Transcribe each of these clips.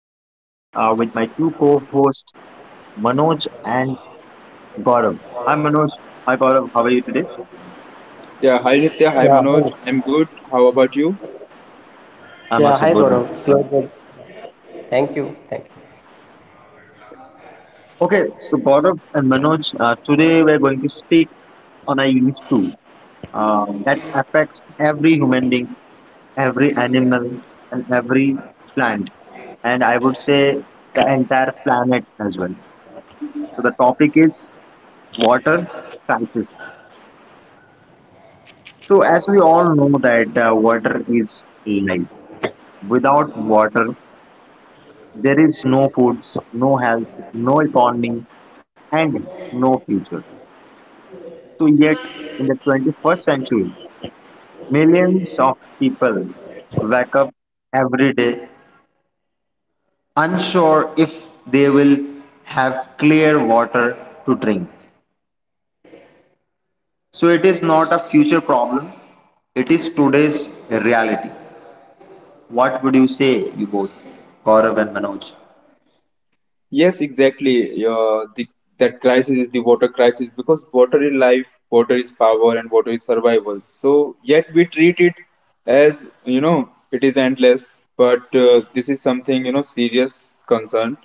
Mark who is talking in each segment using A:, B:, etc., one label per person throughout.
A: Nitya with my two co-hosts Manoj and Gaurav. Hi Manoj, hi Gaurav, how are you today?
B: Yeah, hi Nitya, hi
C: Yeah,
B: Manoj.
C: hi.
B: I'm good. How about you?
A: I'm
C: Yeah,
A: also
C: hi
A: good.
C: Gaurav.
A: Uh,
C: You're good. Thank you. Thank you.
A: okay, so Gaurav and Manoj, today we're going to speak on a unique tool that affects every human being, every animal, and every plant, and I would say the entire planet as well. So the topic is water crisis. So, as we all know that water is life. Without water, there is no food, no health, no economy, and no future. So, yet in the 21st century, millions of people wake up every day unsure if they will have clear water to drink. So, it is not a future problem, it is today's reality. What would you say, you both, Gaurav and Manoj?
B: Yes, exactly. That crisis is the water crisis because water is life, water is power, and water is survival. So yet we treat it as you know it is endless. But this is something you know serious concern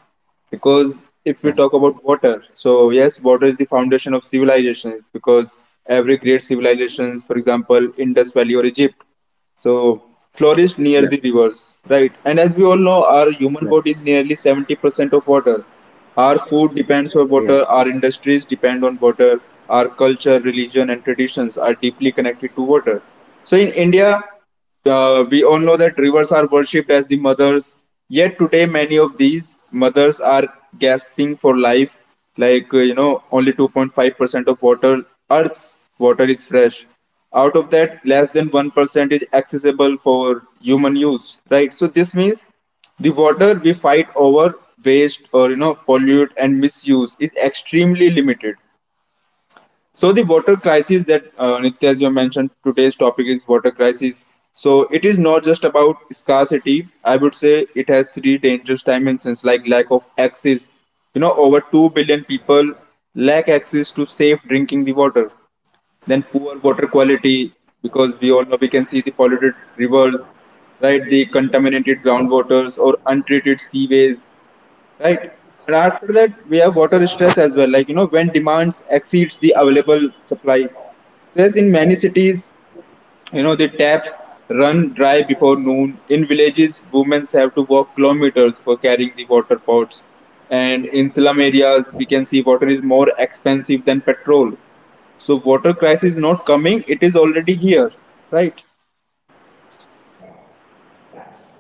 B: because
A: Yes.
B: if we talk about water, so yes, water is the foundation of civilizations because every great civilizations, for example, Indus Valley or Egypt so
A: Yes.
B: flourished near the rivers, right? And as we all know, our human body is nearly 70% of water. Our food
A: Yes.
B: depends on water, our industries depend on water, our culture, religion, and traditions are deeply connected to water. So in India, we all know that rivers are worshipped as the mothers, yet today many of these mothers are gasping for life. Like, you know, only 2.5% of water, Earth's water is fresh. Out of that, less than 1% is accessible for human use, right? So this means the water we fight over, waste, or, you know, pollute and misuse is extremely limited. So the water crisis that Nitya, as you mentioned, today's topic is water crisis. So it is not just about scarcity. I would say it has three dangerous dimensions like lack of access. You know, over 2 billion people lack access to safe drinking the water. Then poor water quality because we all know we can see the polluted rivers, right? The contaminated groundwaters or untreated seaways, right? And after that, we have water stress as well. Like you know, when demands exceeds the available supply. Stress in many cities, you know, the taps run dry before noon. In villages, women have to walk kilometers for carrying the water pots. And in slum areas, we can see water is more expensive than petrol. So water crisis is not coming; it is already here, right?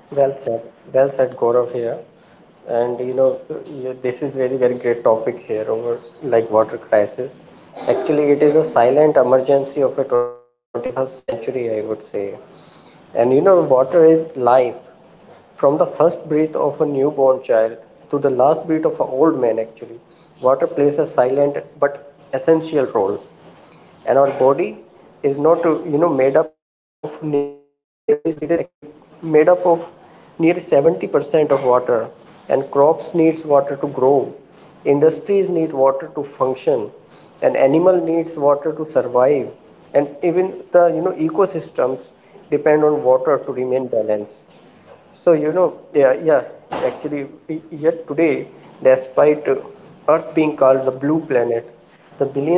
C: Well said. Well said, Gaurav here. And this is really very great topic here over like water crisis. Actually, it is a silent emergency of a 21st century, I would say. And you know, water is life. From the first breath of a newborn child to the last breath of an old man, actually, water plays a silent but essential role. And our body is not made up of nearly it is actually made up of nearly 70% of water. And crops needs water to grow, industries need water to function, an animal needs water to survive, and even the ecosystems depend on water to remain balanced. So yeah, yeah. Actually, yet today, despite Earth being called the blue planet,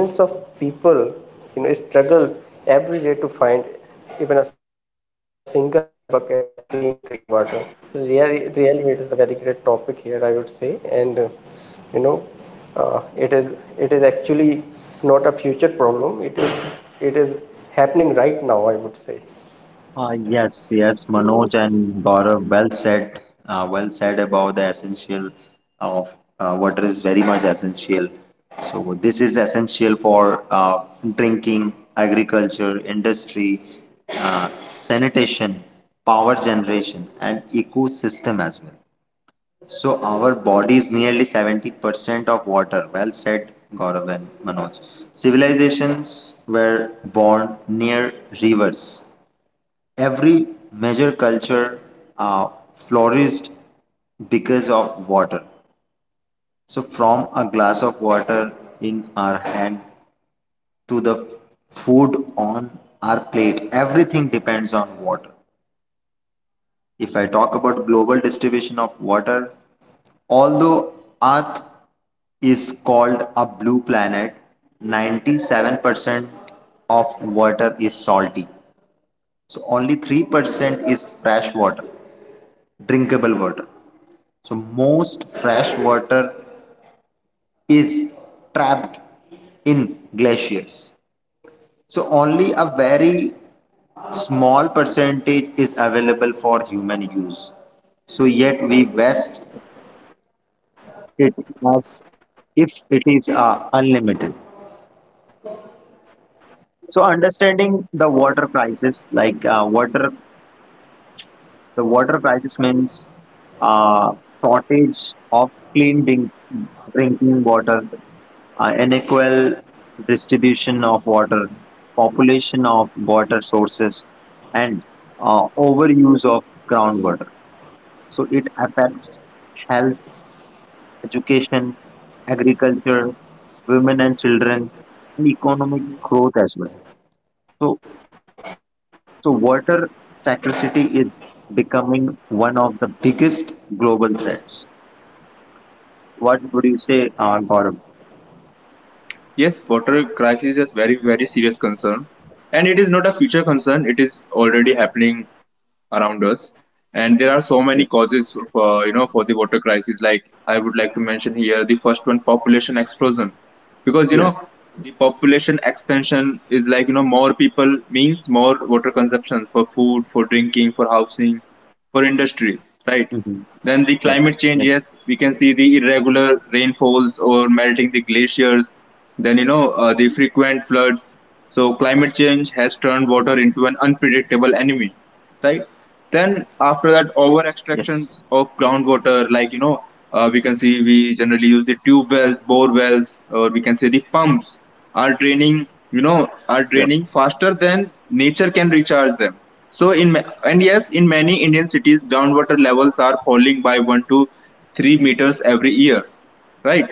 C: the billions of people, you know, struggle every day to find even a single bucket of clean drinking water. So really, really, it is a very great topic here, I would say, and you know, uh, it is it is actually not a future problem. It is happening right now, I would say.
A: Uh, yes, yes, Manoj and Gaurav, well said about the essential of water is very much essential. So this is essential for drinking, agriculture, industry, sanitation, power generation, and ecosystem as well. So our body is nearly 70% of water. Well said, Gaurav and Manoj. Civilizations were born near rivers, every major culture uh, flourished because of water. So, from a glass of water in our hand to the food on our plate, everything depends on water. If I talk about global distribution of water, although Earth is called a blue planet, 97% of water is salty. So only 3% is fresh water, drinkable water. So most fresh water is trapped in glaciers. So only a very small percentage is available for human use. So yet we waste it as if it is unlimited. So understanding the water crisis, like the water crisis means uh, shortage of clean drinking water, unequal distribution of water, population of water sources, and overuse of groundwater. So it affects health, education, agriculture, women and children, and economic growth as well. So, so water scarcity is becoming one of the biggest global threats. What would you say, Gaurav?
B: Yes, water crisis is a very serious concern, and it is not a future concern. It is already happening around us, and there are so many
A: Yeah.
B: causes for you know for the water crisis, like I would like to mention here the first one, population explosion, because you know
A: Yes.
B: the population expansion is like you know more people means more water consumption, for food, for drinking, for housing, for industry, right?
A: Hmm.
B: Then
A: Yes.
B: the climate
A: Yes.
B: change. Yes, we can see the irregular rainfalls or melting the glaciers, then you know the frequent floods. So climate change has turned water into an unpredictable enemy, right? Then after that,
A: Yes.
B: over extractions of groundwater, like you know, we can see we generally use the tube wells, bore wells, or we can say the pumps are draining, you know,
A: Yes.
B: are draining faster than nature can recharge them. So and yes, in many Indian cities, groundwater levels are falling by 1 to 3 meters every year, right?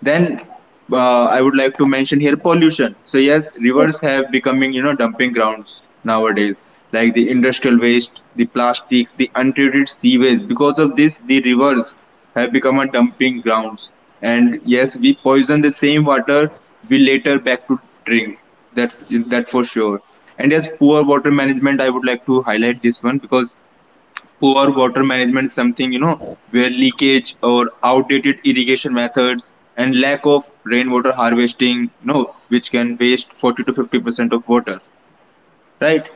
B: Then I would like to
A: Yes.
B: mention here pollution. So yes, rivers have becoming you know dumping grounds nowadays, like the industrial waste, the plastics, the untreated sea waste. Because of this, the rivers have become a dumping grounds. And yes, we poison the same water we later back to drink. That's that for sure. And yes, poor water management. I would like to highlight this one because poor water management is something you know where leakage or outdated irrigation methods and lack of rainwater harvesting, you know, which can waste 40 to 50% of water, right?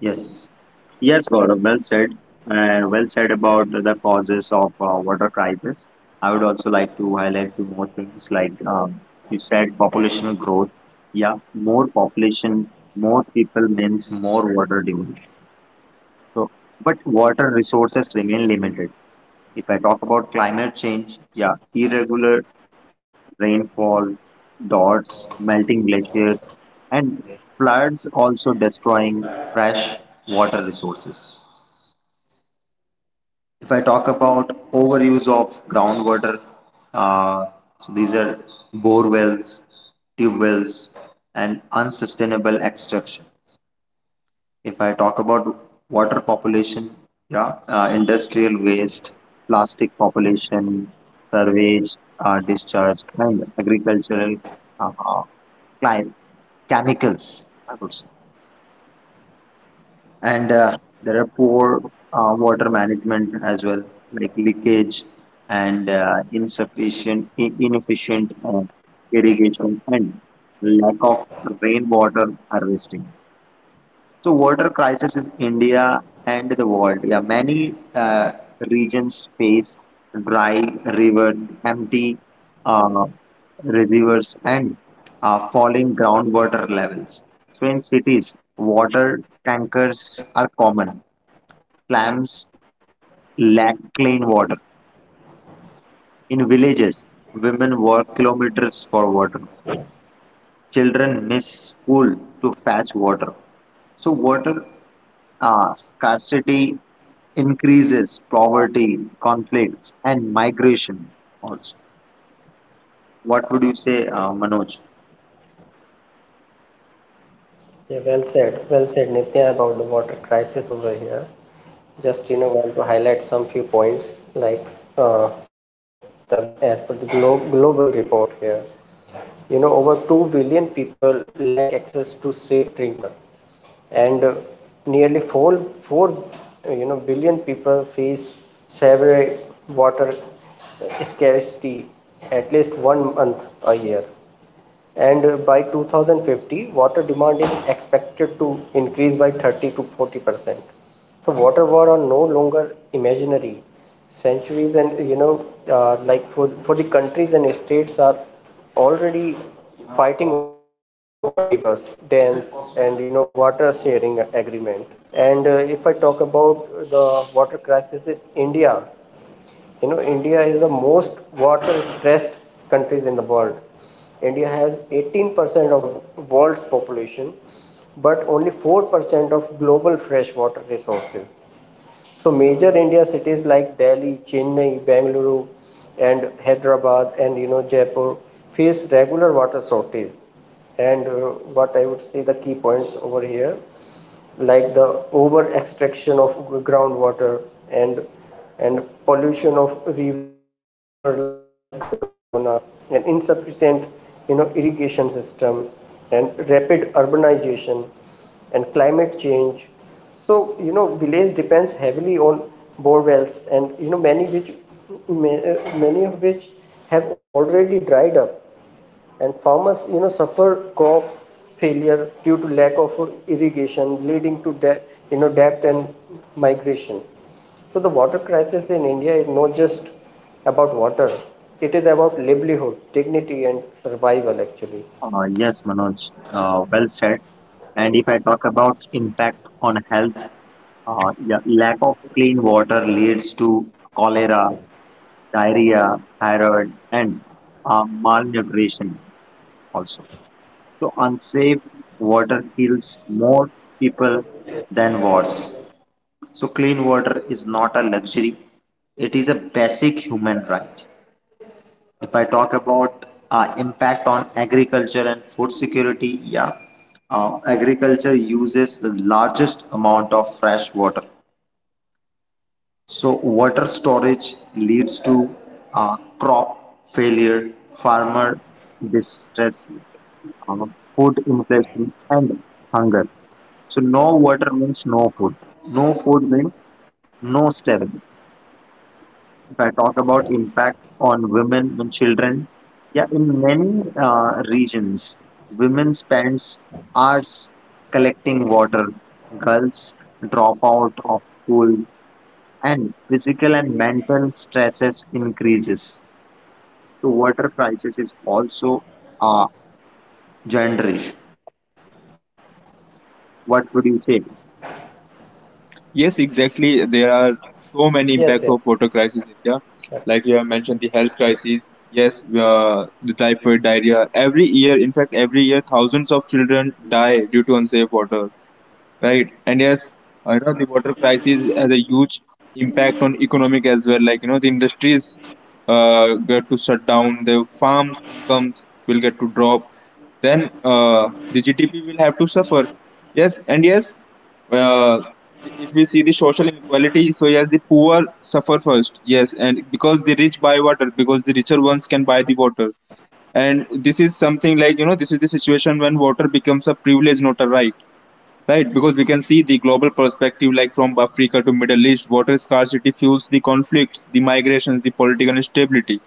A: Yes, yes, Gaurav, well said. Well said about the causes of water crisis. I would also like to highlight two more things, like you said, population growth. Yeah, more population, more people means more water demand. So, but water resources remain limited. If I talk about climate change, yeah, irregular rainfall, droughts, melting glaciers, and floods also destroying fresh water resources. If I talk about overuse of groundwater, uh, so these are bore wells, tube wells, and unsustainable extraction. If I talk about water population, yeah, industrial waste, plastic population, sewage discharge, and agricultural uh, clim- chemicals, I would say. And there are poor water management as well, like leakage and inefficient irrigation and lack of rainwater harvesting. So water crisis in India and the world. Yeah, many regions face dry river, empty uh, rivers, and falling groundwater levels. So in cities, water tankers are common. Slums lack clean water. In villages, women walk kilometers for water. Children miss school to fetch water. So, water scarcity increases poverty, conflicts, and migration also. What would you say, Manoj?
C: Yeah, well said. Well said, Nitya, about the water crisis over here. Just, you know, want to highlight some few points like uh, the as per the global report here. You know, over 2 billion people lack access to safe drinking water, and nearly 4 billion people face severe water scarcity at least 1 month a year. And by 2050, water demand is expected to increase by 30 to 40%. So water war are no longer imaginary. Centuries, and you know, like for the countries and states are already fighting over rivers, dams, and you know water sharing agreement. And if I talk about the water crisis in India, you know, India is the most water stressed countries in the world. India has 18% of the world's population but only 4% of global freshwater resources. So major India cities like Delhi, Chennai, Bengaluru, and Hyderabad, and you know Jaipur face regular water shortages. And what I would say the key points over here, like the over extraction of groundwater, and and pollution of river like Ganga and Yamuna, and insufficient you know irrigation system, and rapid urbanization, and climate change. So you know village depends heavily on bore wells, and you know many which many of which have already dried up. And farmers you know suffer crop failure due to lack of irrigation, leading to debt and migration. So the water crisis in India is not just about water, it is about livelihood, dignity, and survival, actually.
A: Yes, Manoj, well said. And if I talk about impact on health, yeah, lack of clean water leads to cholera, diarrhea, thyroid, and malnutrition also. So unsafe water kills more people than wars. So clean water is not a luxury; it is a basic human right. If I talk about impact on agriculture and food security, yeah, agriculture uses the largest amount of fresh water. So water storage leads to crop failure, farmer distress, uh, food inflation, and hunger. So no water means no food. No food means no stability. If I talk about impact on women and children, yeah, in many regions, women spends hours collecting water. Girls drop out of school, and physical and mental stresses increases. So water crisis is also a gender issue. What would you say?
B: Yes, exactly, there are so many impact
C: Yes,
B: of
C: yes.
B: water crisis, Nitya, like you have mentioned the health crisis. Yes, the typhoid, diarrhea, every year in fact every year thousands of children die due to unsafe water, right? And yes, you know the water crisis has a huge impact on economic as well, like you know the industries get to shut down, the farms incomes will get to drop, then the GDP will have to suffer. Yes, and yes, uh, if we see the social inequality, so yes the poor suffer first, yes, and because the rich buy water because the richer ones can buy the water, and this is something like you know this is the situation when water becomes a privilege, not a right. Right, because we can see the global perspective, like from Africa to Middle East, water scarcity fuels the conflicts, the migrations, the political instability.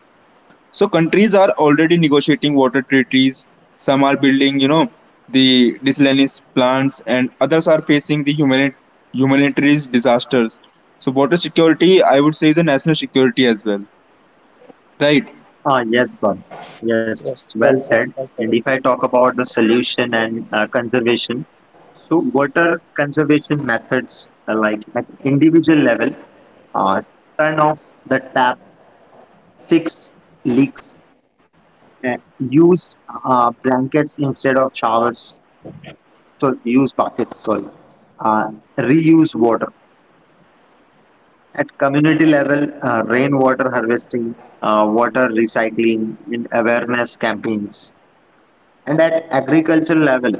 B: So countries are already negotiating water treaties. Some are building, you know, the desalination plants, and others are facing the humanitarian disasters. So water security, I would say, is a national security as well. Right.
A: Ah, yes, Bams. Yes, well
C: Yes,
A: said.
C: well
A: And
C: said,
A: if I
C: well
A: talk
C: said.
A: about the solution and conservation, so what are conservation methods like at individual level? Uh, Turn off the tap, fix leaks, use blankets instead of showers, so use buckets, sorry, uh, reuse water. At community level, rainwater harvesting, water recycling, and awareness campaigns. And at agricultural level,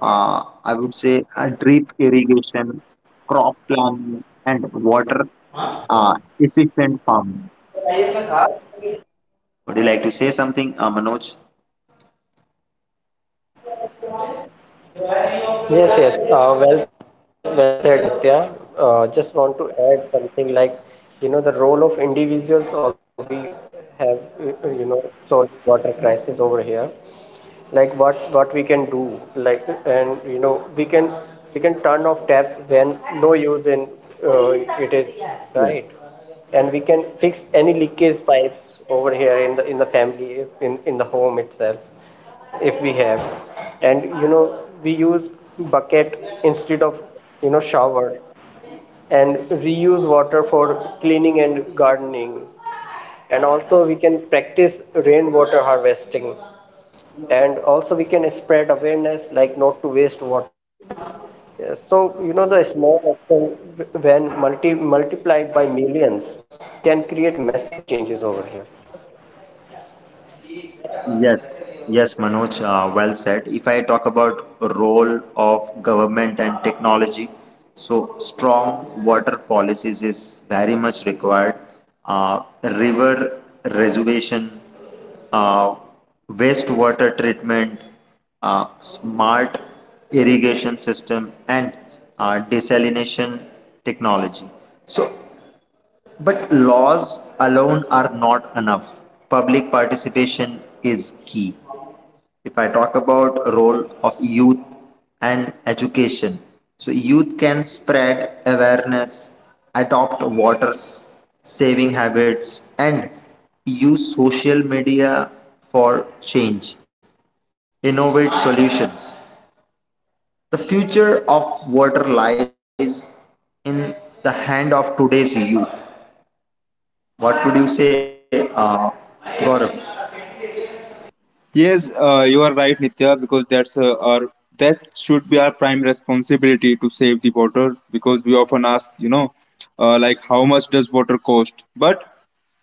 A: I would say drip irrigation, crop planning, and water efficient farming. Would you like to say something, Manoj?
C: Yes, yes. Well said, Nitya. Just want to add something like, you know, the role of individuals also. We have, solved water crisis over here. Like what we can do, like, and you know we can turn off tabs when no use in, it is right. And we can fix any leakage pipes over here in the family, in the home itself if we have. And you know we use bucket instead of you know shower, and reuse water for cleaning and gardening. And also we can practice rainwater harvesting, and also we can spread awareness like not to waste water. Yeah, so you know the small action, when multiplied by millions, can create massive changes over here.
A: Yes, yes, Manoj, well said. If I talk about role of government and technology, so strong water policies is very much required. River reservation, uh, wastewater treatment, smart irrigation system, and desalination technology. So but laws alone are not enough. Public participation is key. If I talk about role of youth and education, so youth can spread awareness, adopt water saving habits, and use social media for change. Innovate solutions. The future of water lies in the hand of today's youth. What would you say, Gaurav?
B: Yes, you are right, Nitya, because that should be our prime responsibility to save the water. Because we often ask, you know, like how much does water cost? But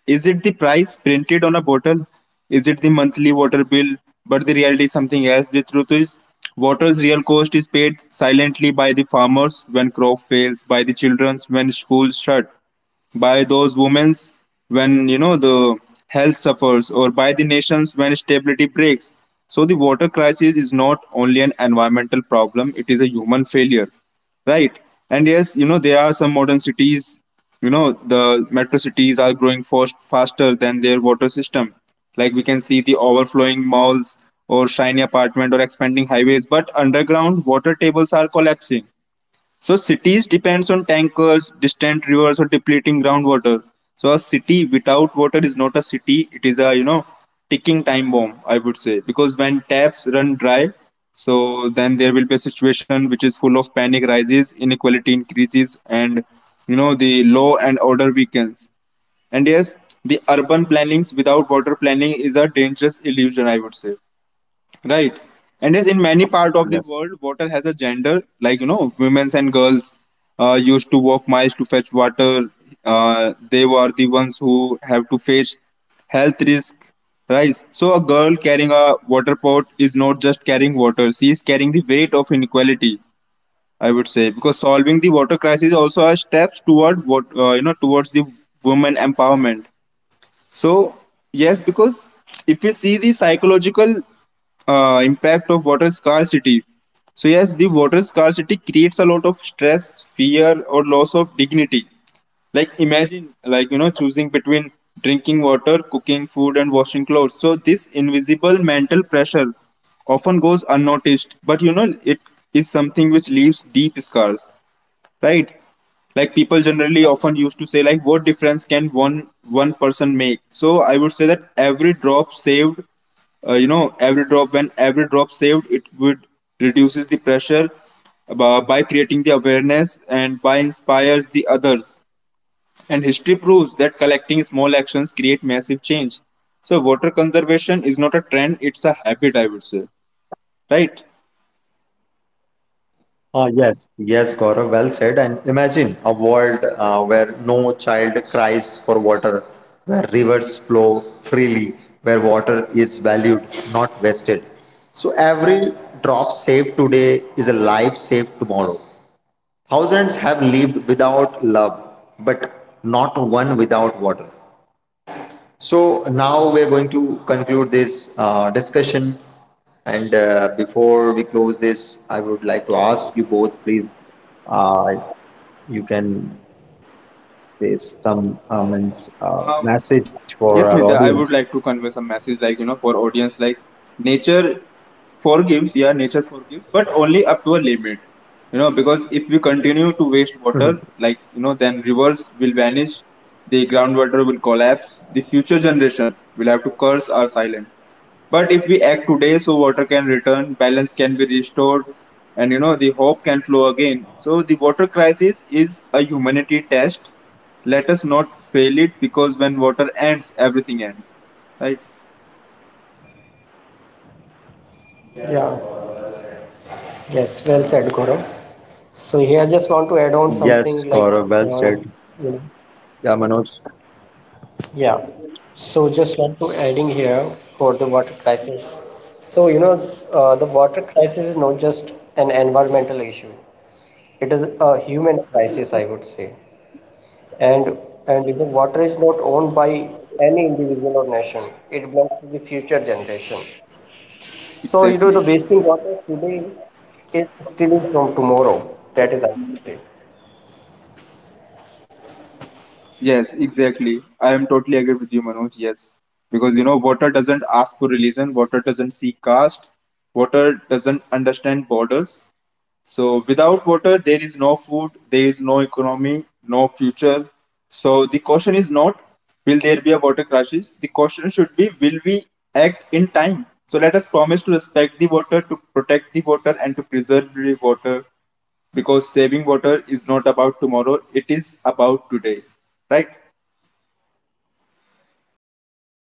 B: is it the price printed on a bottle? Is it the monthly water bill? But the reality is something else. The truth is, water's real cost is paid silently by the farmers when crop fails, by the children when schools shut, by those women when you know the health suffers, or by the nations when stability breaks. So the water crisis is not only an environmental problem, it is a human failure, right? And yes, you know there are some modern cities, you know the metro cities are growing faster than their water system, like we can see the overflowing malls or shiny apartment or expanding highways, but underground water tables are collapsing. So cities depends on tankers, distant rivers, or depleting groundwater. So a city without water is not a city. It is a you know ticking time bomb, I would say, because when taps run dry, so then there will be a situation which is full of panic rises, inequality increases, and you know the law and order weakens. And yes, the urban plannings without water planning is a dangerous illusion, I would say. Right. And as in many part of the world, water
A: Yes.
B: has a gender. Like you know, women and girls used to walk miles to fetch water. They were the ones who have to face health risk. Right. So a girl carrying a water pot is not just carrying water; she is carrying the weight of inequality, I would say, because solving the water crisis also are steps toward what you know towards the women empowerment. So, yes, because if we see the psychological impact of water scarcity, so yes, the water scarcity creates a lot of stress, fear, or loss of dignity. Like, imagine, like, you know, choosing between drinking water, cooking food, and washing clothes. So this invisible mental pressure often goes unnoticed, but you know, it is something which leaves deep scars, right? Like people generally often used to say like what difference can one person make. So I would say that every drop saved, you know, every drop when every drop saved, it would reduces the pressure by creating the awareness and by inspires the others, and history proves that collecting small actions create massive change. So water conservation is not a trend, it's a habit, I would say. Right.
A: Yes, yes, Gaurav, well said. And imagine a world where no child cries for water, where rivers flow freely, where water is valued, not wasted. So every drop saved today is a life saved tomorrow. Thousands have lived without love, but not one without water. So now we're going to conclude this discussion. And before we close this, I would like to ask you both, please, uh, you can say some
B: Um,
A: message for our
B: Yes, Nitya, I
A: audience.
B: would like to convey some message like, you know, for audience like nature forgives, yeah, nature forgives, but only up to a limit. You know, because if we continue to waste water, like, you know, then rivers will vanish, the groundwater will collapse, the future generation will have to curse our silence. But if we act today, so water can return, balance can be restored, and you know, the hope can flow again. So the water crisis is a humanity test, let us not fail it, because when water ends, everything ends. Right?
C: Yeah.
A: Yes, Gaurav, well said.
C: Yes, well said, Gaurav.
A: Yeah, Manoj.
C: So here just want to add on something like, uh, you know yeah, so just want to adding here for the water crisis. So you know, the water crisis is not just an environmental issue, it is a human crisis, I would say. And and you know, water is not owned by any individual or nation. It belongs to the future generation. So you know, the wasting
B: Exactly.
C: water today is stealing from tomorrow. That is our mistake.
B: Yes, exactly. I am totally agree with you, Manoj. Yes. Because you know, water doesn't ask for religion, water doesn't seek caste, water doesn't understand borders. So without water, there is no food, there is no economy, no future. So the question is not will there be a water crisis? The question should be will we act in time? So let us promise to respect the water, to protect the water, and to preserve the water, because saving water is not about tomorrow, it is about today, right?
C: Yeah, well said,